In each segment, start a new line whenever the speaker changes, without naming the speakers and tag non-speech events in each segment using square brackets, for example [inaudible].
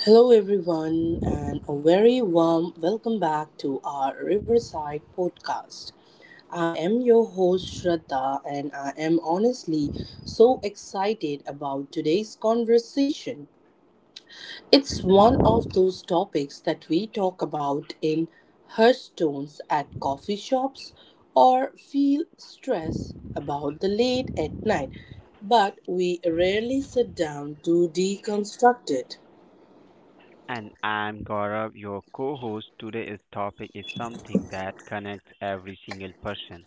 Hello, everyone, and a very warm welcome back to our Riverside podcast. I am your host, Shraddha, and I am honestly so excited about today's conversation. It's one of those topics that we talk about in Hearthstones at coffee shops or feel stress about the late at night, but we rarely sit down to deconstruct it.
And I'm Gaurav, your co host. Today's topic is something that connects every single person.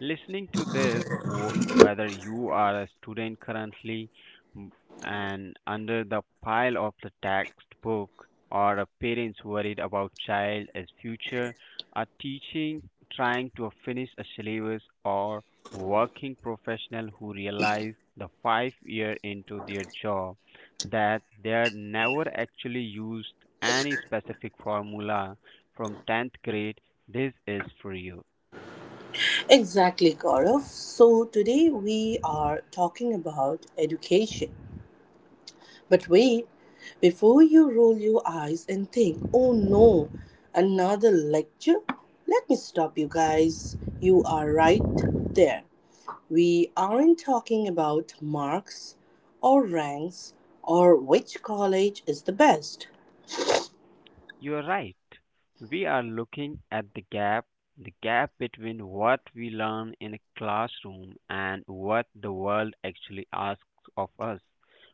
Listening to this, whether you are a student currently m- and under the pile of the textbook, or a parents worried about child as future, a teaching trying to finish a syllabus, or working professional who realize the 5 years into their job that they're never actually used any specific formula from 10th grade, this is for you.
Exactly, Gaurav. So today we are talking about education. But wait, before you roll your eyes and think, oh no, another lecture? Let me stop you guys. You are right there. We aren't talking about marks or ranks or which college is the best.
You are right. We are looking at the gap between what we learn in a classroom and what the world actually asks of us.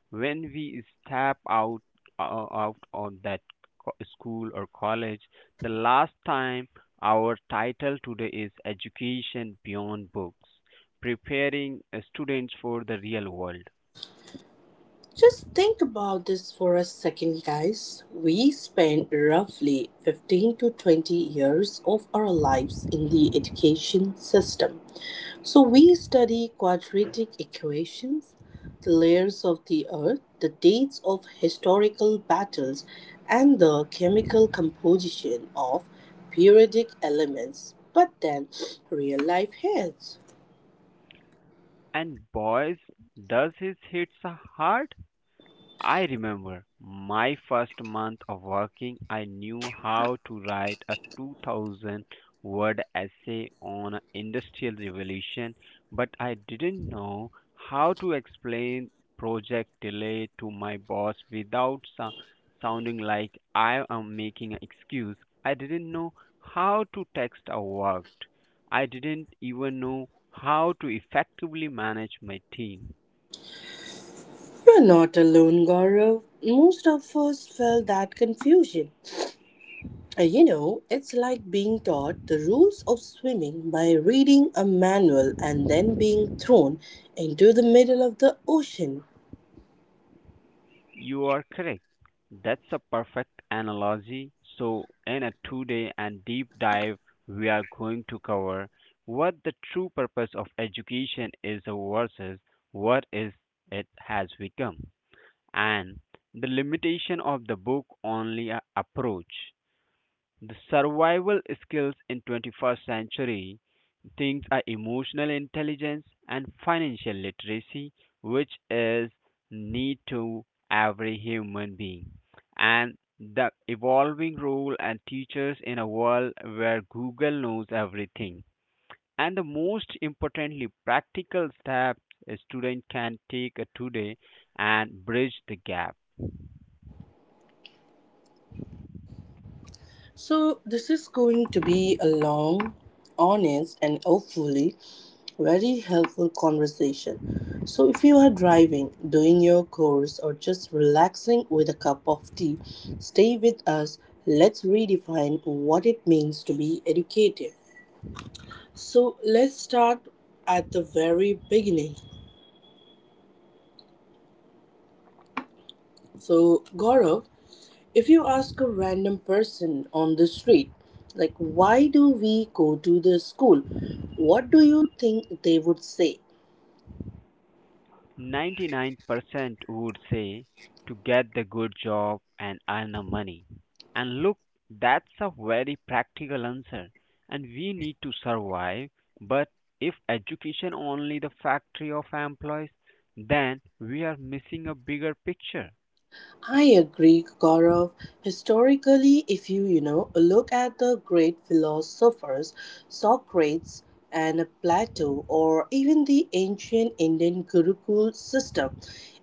When we step out out on that school or college, the last time our title today is Education Beyond Books, preparing students for the real world.
Just think about this for a second, guys. We spend roughly 15 to 20 years of our lives in the education system. So we study quadratic equations, the layers of the earth, the dates of historical battles, and the chemical composition of periodic elements. But then real life hits.
And boys, does his hits hard? I remember my first month of working, I knew how to write a 2000 word essay on industrial revolution, but I didn't know how to explain project delay to my boss without sounding like I am making an excuse. I didn't know how to text a work. I didn't even know how to effectively manage my team.
You're not alone, Gaurav. Most of us felt that confusion. You know, it's like being taught the rules of swimming by reading a manual and then being thrown into the middle of the ocean.
You are correct. That's a perfect analogy. So, in a 2 day and deep dive, we are going to cover what the true purpose of education is versus what is it has become, and the limitation of the book only approach, the survival skills in 21st century things are emotional intelligence and financial literacy, which is need to every human being. And the evolving role and teachers in a world where Google knows everything. And the most importantly, practical steps a student can take today and bridge the gap.
So, this is going to be a long, honest, and hopefully very helpful conversation. So, if you are driving, doing your course, or just relaxing with a cup of tea, stay with us. Let's redefine what it means to be educated. So, let's start at the very beginning. So, Gaurav, if you ask a random person on the street, like, why do we go to the school? What do you think they would say?
99% would say to get the good job and earn the money. And look, that's a very practical answer, and we need to survive. But if education only the factory of employees, then we are missing a bigger picture.
I agree, Gaurav. Historically, if you, you know, look at the great philosophers, Socrates and Plato, or even the ancient Indian Gurukul system,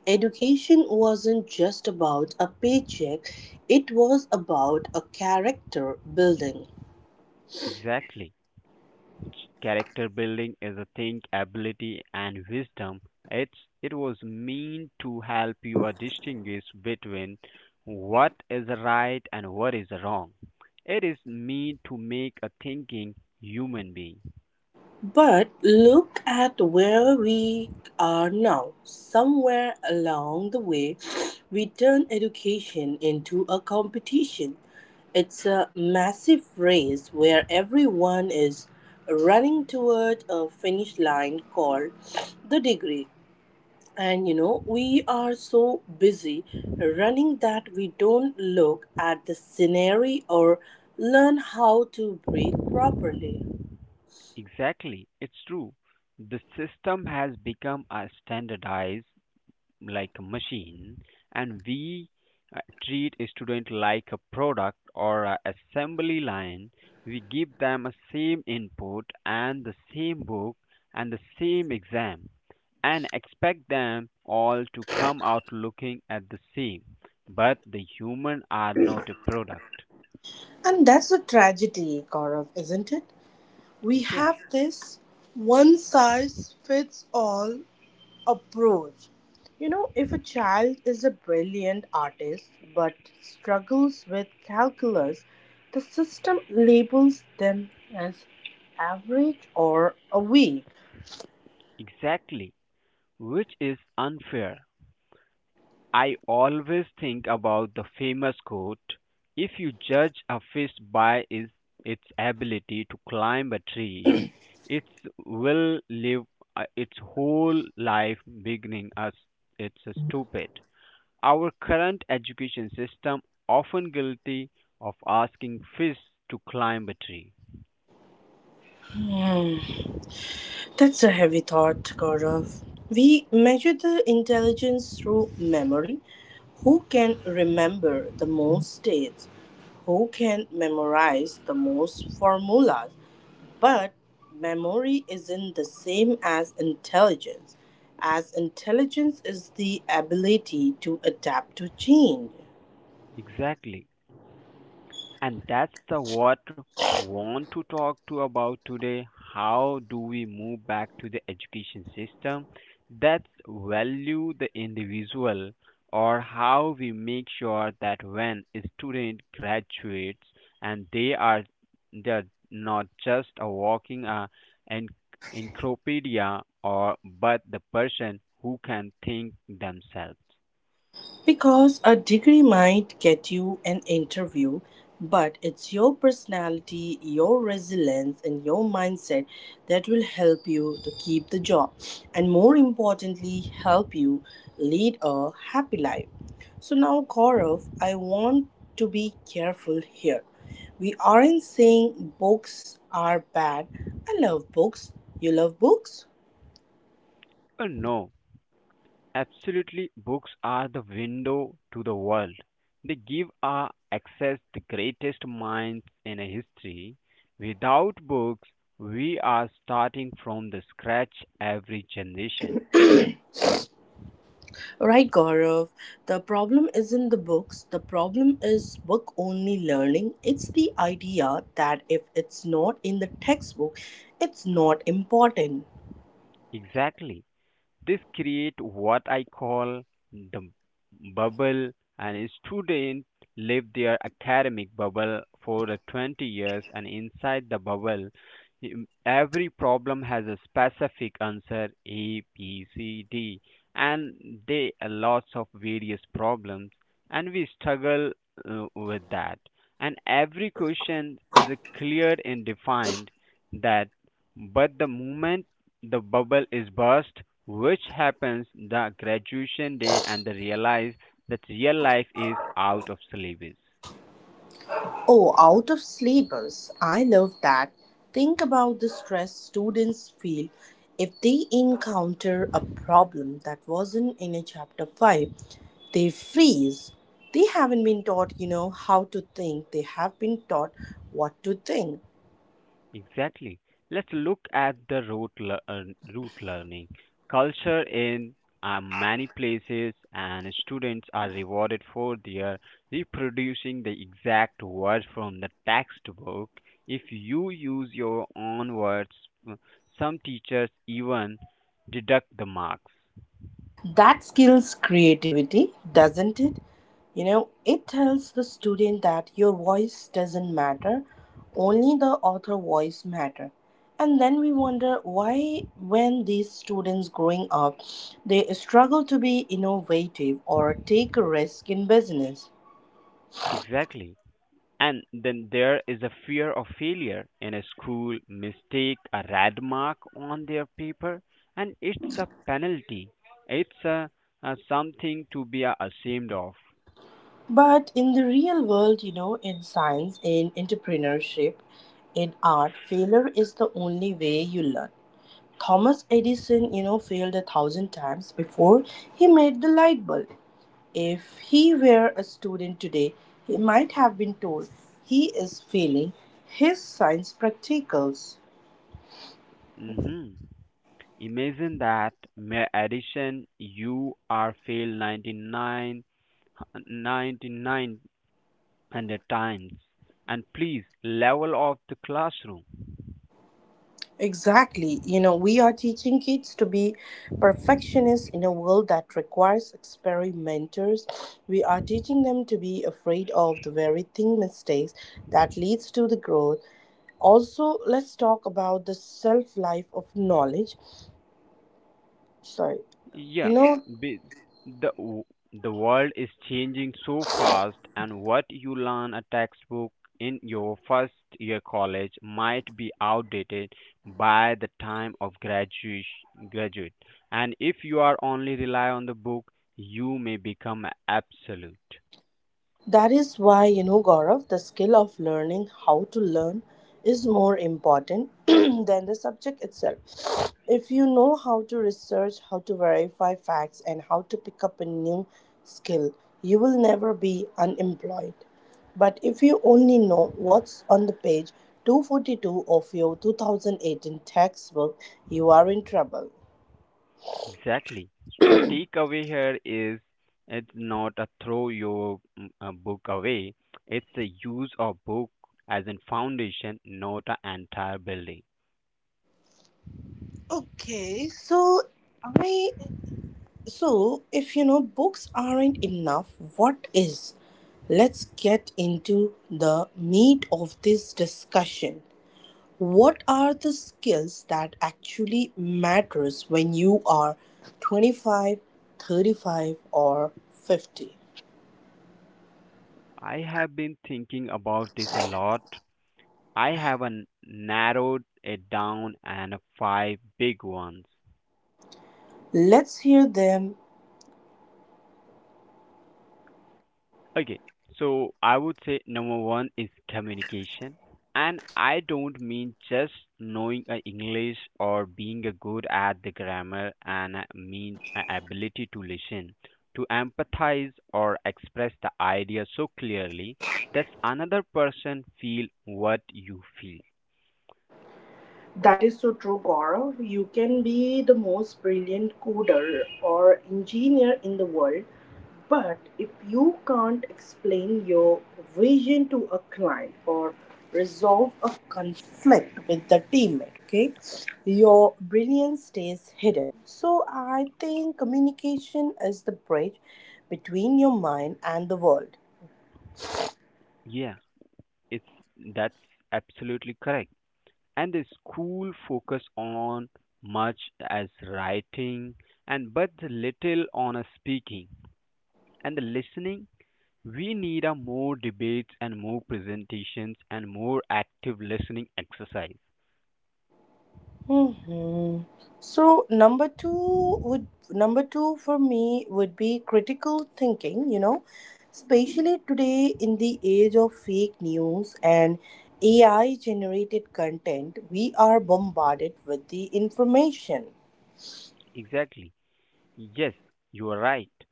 education wasn't just about a paycheck, it was about a character building.
Exactly. Character building is a thing, ability, and wisdom. It was meant to help you distinguish between what is right and what is wrong. It is meant to make a thinking human being.
But look at where we are now. Somewhere along the way, we turned education into a competition. It's a massive race where everyone is running toward a finish line called the degree. And you know, we are so busy running that we don't look at the scenery or learn how to breathe properly.
Exactly, it's true. The system has become a standardized like a machine, and we treat a student like a product or a assembly line. We give them a same input and the same book and the same exam and expect them all to come out looking at the same, but the human are not a product.
And that's a tragedy, Gaurav, isn't it? We
Yes,
have this one size fits all approach. You know, if a child is a brilliant artist but struggles with calculus, the system labels them as average or a weak.
exactly, which is unfair. I always think about the famous quote, if you judge a fish by its ability to climb a tree, it will live its whole life beginning as it's stupid. Our current education system often guilty of asking fish to climb a tree.
That's a heavy thought, Gaurav. We measure the intelligence through memory. Who can remember the most dates? Who can memorize the most formulas? But memory isn't the same as intelligence is the ability to adapt to change.
Exactly, and that's the what want to talk to about today. How do we move back to the education system that's value the individual, or how we make sure that when a student graduates and they're not just a walking en- encyclopedia or but the person who can think themselves.
Because a degree might get you an interview, but it's your personality, your resilience, and your mindset that will help you to keep the job and, more importantly, help you lead a happy life. So, now, Gaurav, I want to be careful here. We aren't saying books are bad. I love books. You love books?
Oh no. Absolutely, books are the window to the world. They give us access to the greatest minds in history. Without books, we are starting from the scratch every generation.
Right, Gaurav. The problem isn't the books. The problem is book only learning. It's the idea that if it's not in the textbook, it's not important.
Exactly. This create what I call the bubble, and a student live their academic bubble for the 20 years, and inside the bubble, every problem has a specific answer, a b c d, and they are lots of various problems, and we struggle with that, and every question is clear and defined that. But the moment the bubble is burst, which happens the graduation day, and they realize that real life is out of syllabus.
Oh, out of syllabus. I love that. Think about the stress students feel if they encounter a problem that wasn't in a chapter 5. They freeze. They haven't been taught, you know, how to think. They have been taught what to think.
Exactly. Let's look at the root learning culture in many places, and students are rewarded for their reproducing the exact words from the textbook. If you use your own words, uh, some teachers even deduct the marks.
That skills creativity, doesn't it? You know, it tells the student that your voice doesn't matter, only the author voice matter. And then we wonder why when these students growing up, they struggle to be innovative or take a risk in business.
Exactly. And then there is a fear of failure in a school, mistake, a red mark on their paper, and it's a penalty. It's a something to be ashamed of.
But in the real world, you know, in science, in entrepreneurship, in art, failure is the only way you learn. Thomas Edison, you know, failed a thousand times before he made the light bulb. If he were a student today, he might have been told he is failing his science practicals.
Mhm. Imagine that mere addition, you are failed 99, 9900 times. And please, level off the classroom.
Exactly. You know, we are teaching kids to be perfectionists in a world that requires experimenters. We are teaching them to be afraid of the very thing mistakes that leads to the growth also let's talk about the self life of knowledge Sorry.
Yeah,
You know,
be, the w- the world is changing so fast, and what you learn a textbook in your first year college might be outdated by the time of graduation graduate. And if you are only rely on the book, you may become absolute.
that is why, you know, Gaurav, the skill of learning how to learn is more important [clears throat] than the subject itself. If you know how to research, how to verify facts, and how to pick up a new skill, you will never be unemployed. But if you only know what's on the page 242 of your 2018 textbook, you are in trouble.
Exactly. So takeaway here is it's not a throw your book away. It's the use of book as a foundation, not an entire building.
Okay, so I So, if you know books aren't enough, what is? Let's get into the meat of this discussion. What are the skills that actually matters when you are 25, 35, or 50?
I have been thinking about this a lot. I have narrowed it down and five big ones.
Let's hear them.
Okay, so I would say number one is communication. And I don't mean just knowing English or being a good at the grammar, and I mean a ability to listen, to empathize or express the idea so clearly that another person feel what you feel.
That is so true, Gaurav. You can be the most brilliant coder or engineer in the world, but if you can't explain your vision to a client or resolve a conflict with the teammate, okay, your brilliance stays hidden. So I think communication is the bridge between your mind and the world.
Yeah, it's that's absolutely correct. And the school focus on much as writing and but little on a speaking and the listening. We need a more debates and more presentations and more active listening exercise.
hmm So number two would Number two for me would be critical thinking, you know, especially today in the age of fake news and AI generated content, we are bombarded with the information.
Exactly, yes, you are right.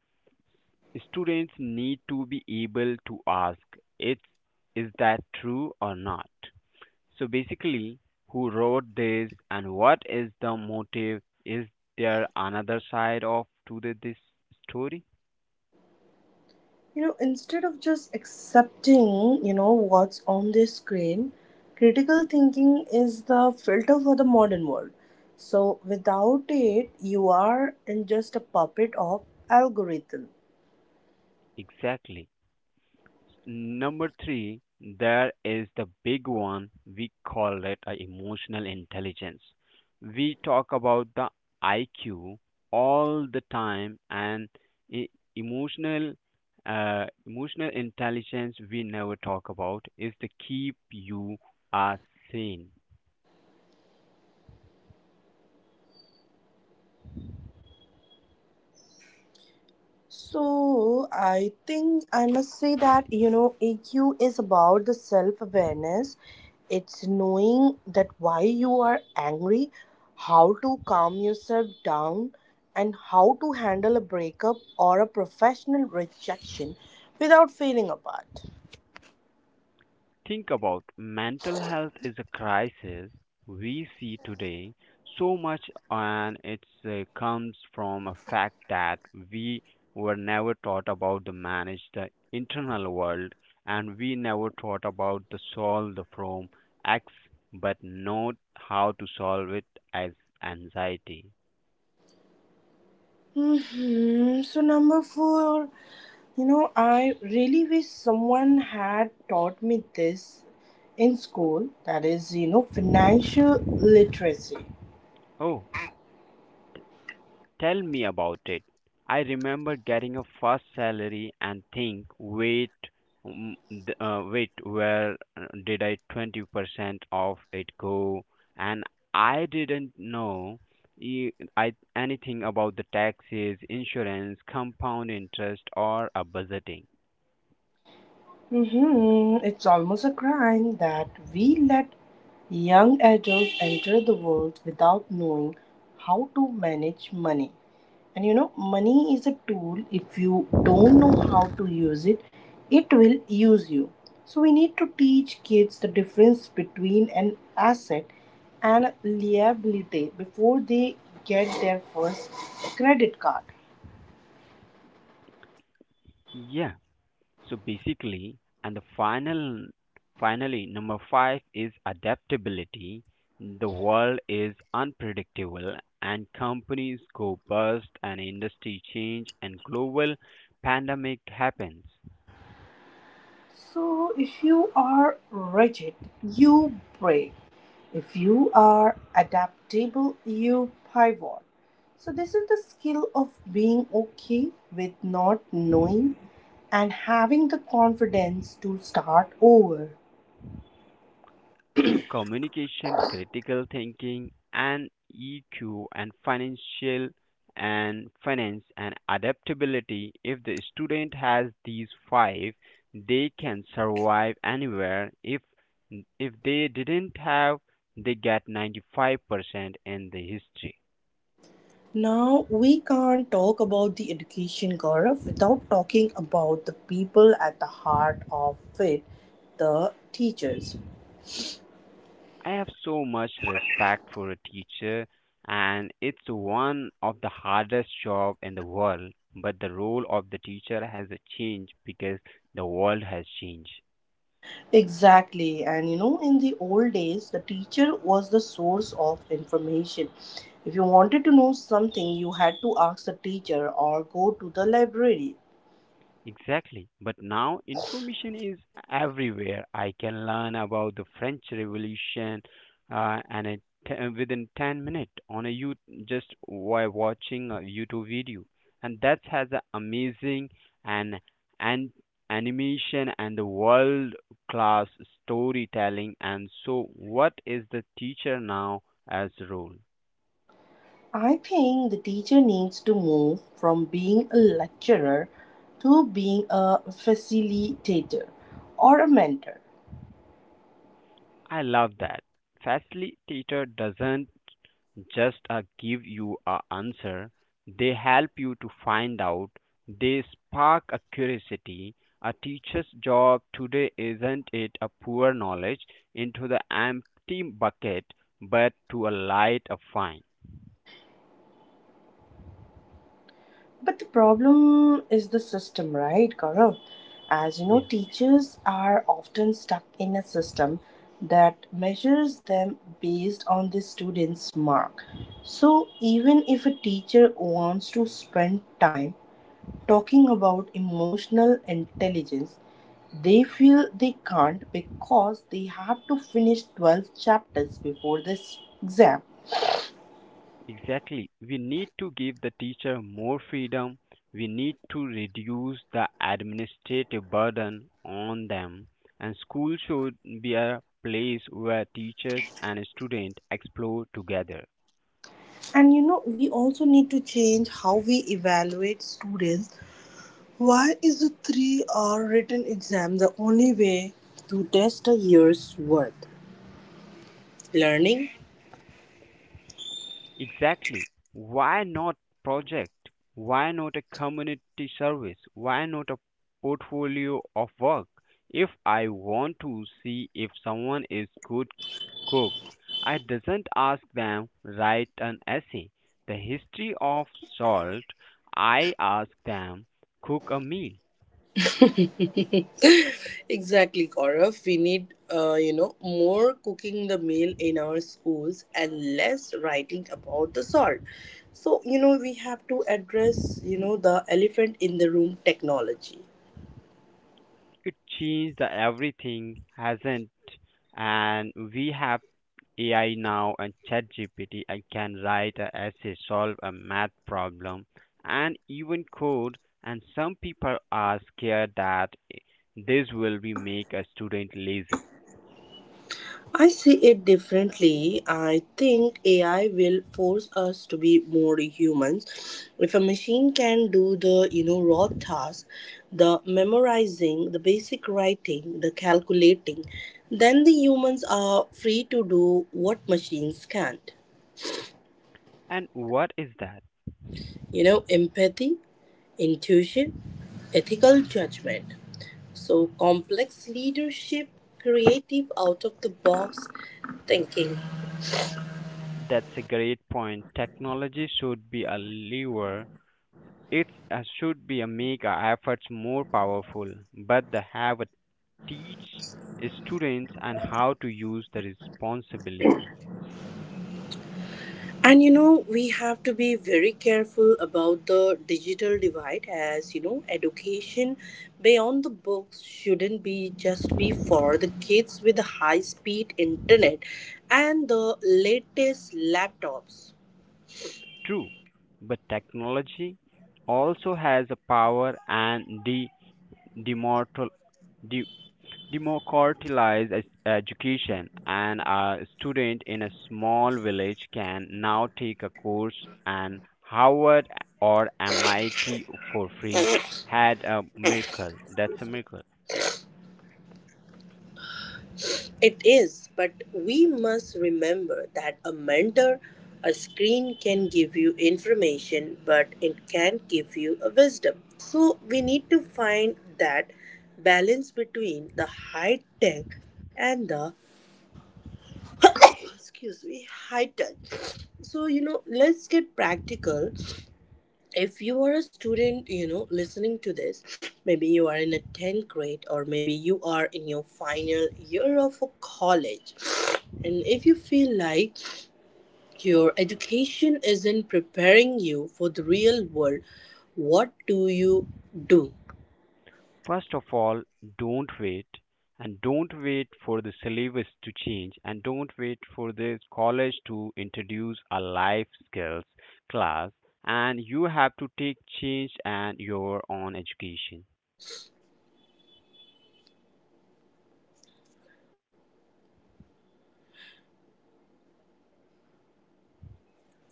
Students need to be able to ask, it's is that true or not. So basically, who wrote this and what is the motive? Is there another side of to this story?
You know, instead of just accepting, you know, what's on the screen, critical thinking is the filter for the modern world. So without it you are in just a puppet of algorithm.
Exactly. Number three, there is the big one. We call it a emotional intelligence. We talk about the IQ all the time, and e- emotional emotional intelligence we never talk about is to keep you are sane.
So I think I must say that you know EQ is about the self awareness. It's knowing that why you are angry, how to calm yourself down, and how to handle a breakup or a professional rejection without feeling apart.
Think about mental health is a crisis we see today so much, and it comes from a fact that we were never taught about the manage the internal world, and we never taught about the solve the from x but not how to solve it as anxiety.
So number four, you know, I really wish someone had taught me this in school. That is, you know, financial literacy.
Oh, tell me about it. I remember getting a first salary and think, wait, wait, where did I 20% of it go? And I didn't know e- I, anything about the taxes, insurance, compound interest, or a budgeting.
It's almost a crime that we let young adults enter the world without knowing how to manage money. And you know, money is a tool. If you don't know how to use it, it will use you. So we need to teach kids the difference between an asset and liability before they get their first credit card.
Yeah, so basically, and the finally number 5 is adaptability. The world is unpredictable and companies go bust and industry change and global pandemic happens.
So, if you are rigid, you break. If you are adaptable, you pivot. So, this is the skill of being okay with not knowing and having the confidence to start over.
So, communication, critical thinking, and EQ, and financial and finance and adaptability. If the student has these five, they can survive anywhere. If they didn't have, they get 95% in the history.
Now, we can't talk about the education Gaurav without talking about the people at the heart of it, the teachers.
I have so much respect for a teacher, and it's one of the hardest job in the world. But the role of the teacher has changed because the world has changed.
Exactly, and you know, in the old days, the teacher was the source of information. If you wanted to know something, you had to ask the teacher or go to the library.
Exactly. But now information is everywhere. I can learn about the French Revolution uh, and it, within 10 minutes on a you just while watching a YouTube video. And that has a amazing and and animation and the world class storytelling. And so what is the teacher now as role?
I think the teacher needs to move from being a lecturer to being a facilitator or a mentor.
I love that. Facilitator doesn't just give you a answer, they help you to find out, they spark a curiosity. A teacher's job today isn't it a pour knowledge into the empty bucket but to a light a fine.
But the problem is the system, right, Gaurav? As you know,
Yeah,
teachers are often stuck in a system that measures them based on the student's mark. So, even if a teacher wants to spend time talking about emotional intelligence, they feel they can't because they have to finish 12 chapters before this exam.
exactly. We need to give the teacher more freedom. We need to reduce the administrative burden on them. And school should be a place where teachers and students explore together.
And you know, we also need to change how we evaluate students. Why is a three-hour written exam the only way to test a year's worth learning?
Exactly. Why not project? Why not a community service? Why not a portfolio of work? If I want to see if someone is good cooked. I doesn't ask them write an essay, the history of salt. I ask them cook a meal.
Exactly, Gaurav. We need, you know, more cooking the meal in our schools and less writing about the salt. So, you know, we have to address, you know, the elephant in the room technology.
It changed the everything, hasn't? And we have AI now and ChatGPT. I can write an essay, solve a math problem, and even code. And some people are scared that this will be make a student lazy.
I see it differently. I think AI will force us to be more humans. If a machine can do the, you know, raw task, the memorizing, the basic writing, the calculating, then the humans are free to do what machines can't.
And what is that?
You know, empathy, intuition, ethical judgment. So complex leadership, creative out of the box thinking.
That's a great point. Technology should be a lever. It should be a make our efforts more powerful, but the have a teach students and how to use the responsibly.
And you know, we have to be very careful about the digital divide as you know, education beyond the books shouldn't be just be for the kids with the high speed internet and the latest laptops.
True, but technology also has a power and de demortal democratize education, and a student in a small village can now take a course at Harvard or MIT for free. Had a miracle. That's a miracle.
It is, but we must remember that a mentor, a screen can give you information, but it can't give you a wisdom. So we need to find that balance between the high tech and the excuse me high tech. So you know, let's get practical. If you are a student, you know, listening to this, maybe you are in a 10th grade or maybe you are in your final year of a college, and if you feel like your education isn't preparing you for the real world, what do you do?
First of all, don't wait. And don't wait for the syllabus to change, and don't wait for the college to introduce a life skills class. And you have to take change and your own education.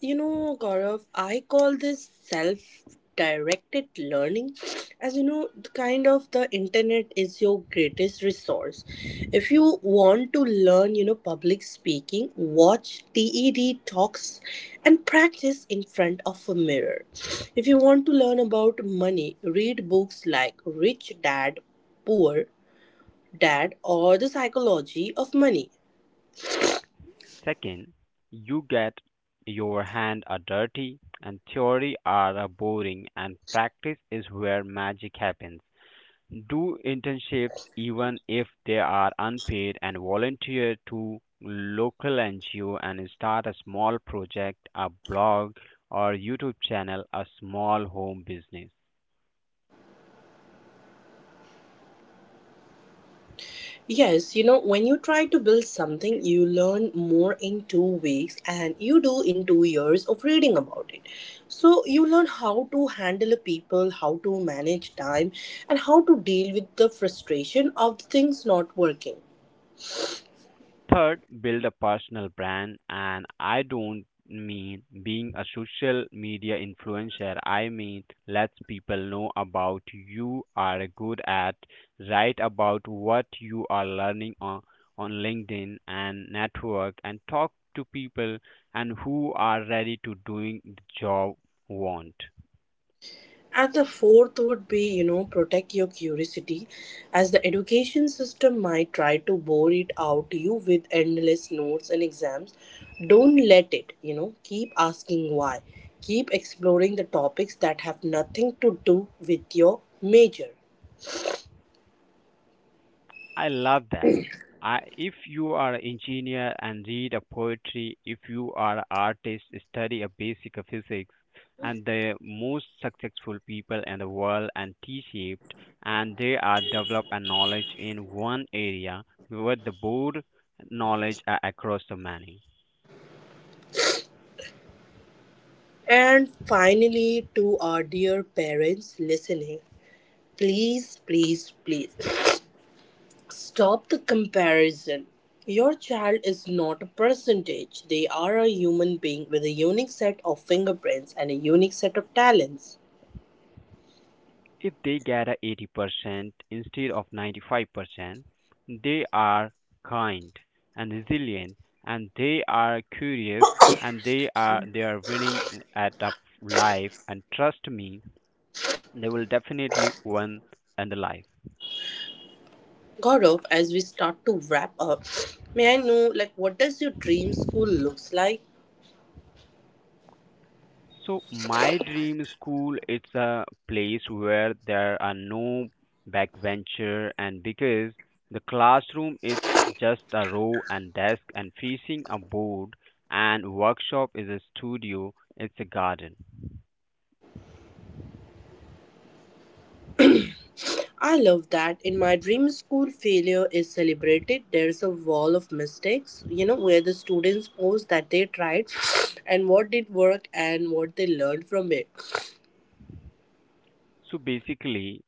You know, Gaurav, I call this self-directed learning. As you know, the kind of the internet is your greatest resource. If you want to learn, you know, public speaking, watch TED talks and practice in front of a mirror. If you want to learn about money, read books like Rich Dad, Poor Dad or The Psychology of Money.
Second, you get your hands are dirty and theory are boring and practice is where magic happens. Do internships even if they are unpaid and volunteer to local NGO and start a small project, a blog or YouTube channel, a small home business.
Yes, you know, when you try to build something, you learn more in 2 weeks and you do in 2 years of reading about it. So, you learn how to handle people, how to manage time, and how to deal with the frustration of things not working.
Third, build a personal brand. And I don't mean being a social media influencer, I mean let people know about you are good at, write about what you are learning on LinkedIn and network, and talk to people and who are ready to doing the job want.
And the fourth would be, you know, protect your curiosity, as the education system might try to bore it out you with endless notes and exams. Don't let it, you know, keep asking why. Keep exploring the topics that have nothing to do with your major.
I love that. I, if you are an engineer and read a poetry, if you are an artist, study a basic of physics, and the most successful people in the world and T-shaped, and they are develop a knowledge in one area, with the broad knowledge are across the many.
And finally, to our dear parents listening, please, please, please stop the comparison. Your child is not a percentage. They are a human being with a unique set of fingerprints and a unique set of talents.
If they get a 80% instead of 95%, they are kind and resilient and they are curious and they are winning at life, and trust me they will definitely win in the life.
Gaurav, as we start to wrap up, may I know like what does your dream school looks like?
So my dream school it's a place where there are no backbencher, and because the classroom it's just a row and desk and facing a board, and workshop is a studio, it's a garden.
I love that. In my dream school, failure is celebrated. There's a wall of mistakes, you know, where the students post that they tried and what did work and what they learned from it.
So basically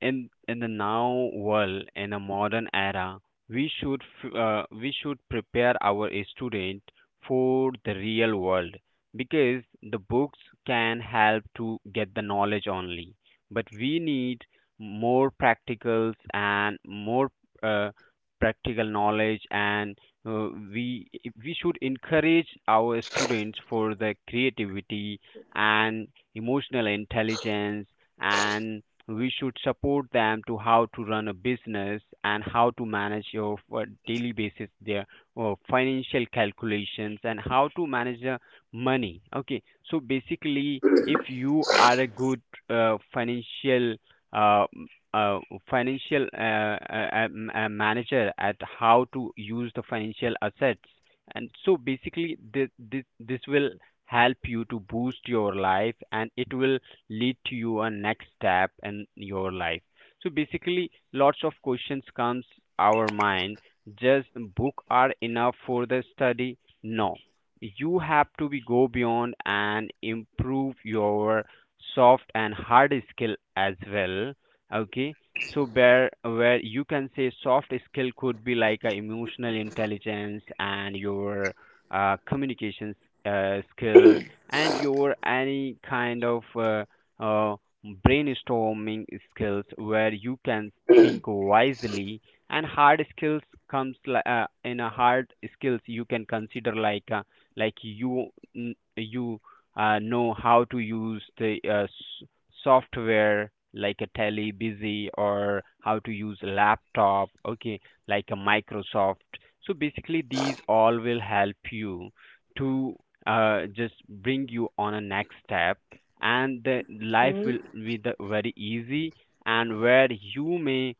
in the now world, in a modern era, we should we should prepare our student for the real world, because the books can help to get the knowledge only, but we need more practicals and more uh, practical knowledge, and uh, we we should encourage our students for the creativity and emotional intelligence, and we should support them to how to run a business and how to manage your daily basis their financial calculations and how to manage the money. Okay, so basically if you are a good financial uh, uh, financial manager at how to use the financial assets. And so basically this will help you to boost your life, and it will lead to your next step in your life. So basically lots of questions comes our mind. Just book are enough for the study? No, you have to be go beyond and improve your soft and hard skill as well. Okay, so where you can say soft skill could be like a emotional intelligence and your communications skills, and your any kind of uh, brainstorming skills where you can think wisely. And hard skills comes in a hard skills you can consider like you know how to use the software like a tele busy, or how to use laptop. Okay, like a Microsoft. So basically these all will help you to just bring you on a next step, and the life will be the very easy, and where you may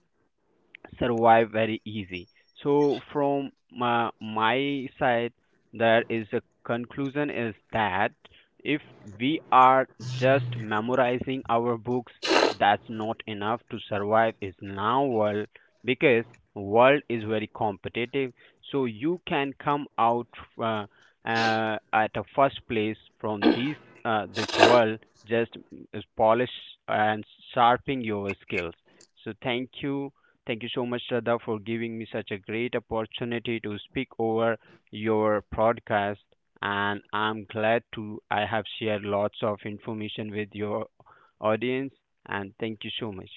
survive very easy. So from my side, there is a conclusion is that if we are just memorizing our books, that's not enough to survive is now world, because world is very competitive. So you can come out uh, at a first place from this world, just polish and sharpening your skills. So thank you. Thank you so much, Shraddha, for giving me such a great opportunity to speak over your podcast. And I'm glad to I have shared lots of information with your audience. And thank you so much.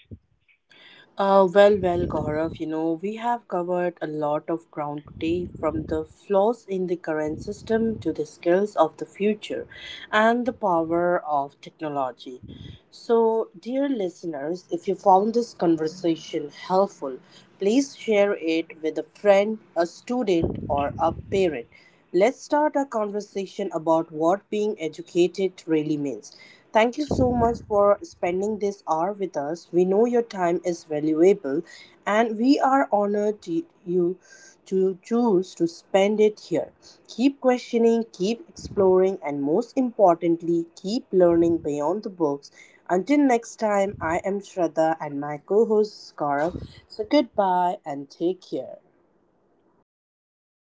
Well, Gaurav, you know, we have covered a lot of ground today from the flaws in the current system to the skills of the future and the power of technology. So, dear listeners, if you found this conversation helpful, please share it with a friend, a student, or a parent. Let's start our conversation about what being educated really means. Thank you so much for spending this hour with us. We know your time is valuable and we are honored to you to choose to spend it here. Keep questioning, keep exploring, and most importantly, keep learning beyond the books. Until next time, I am Shraddha and my co host Gaurav. So goodbye and take care.
Goodbye, guys.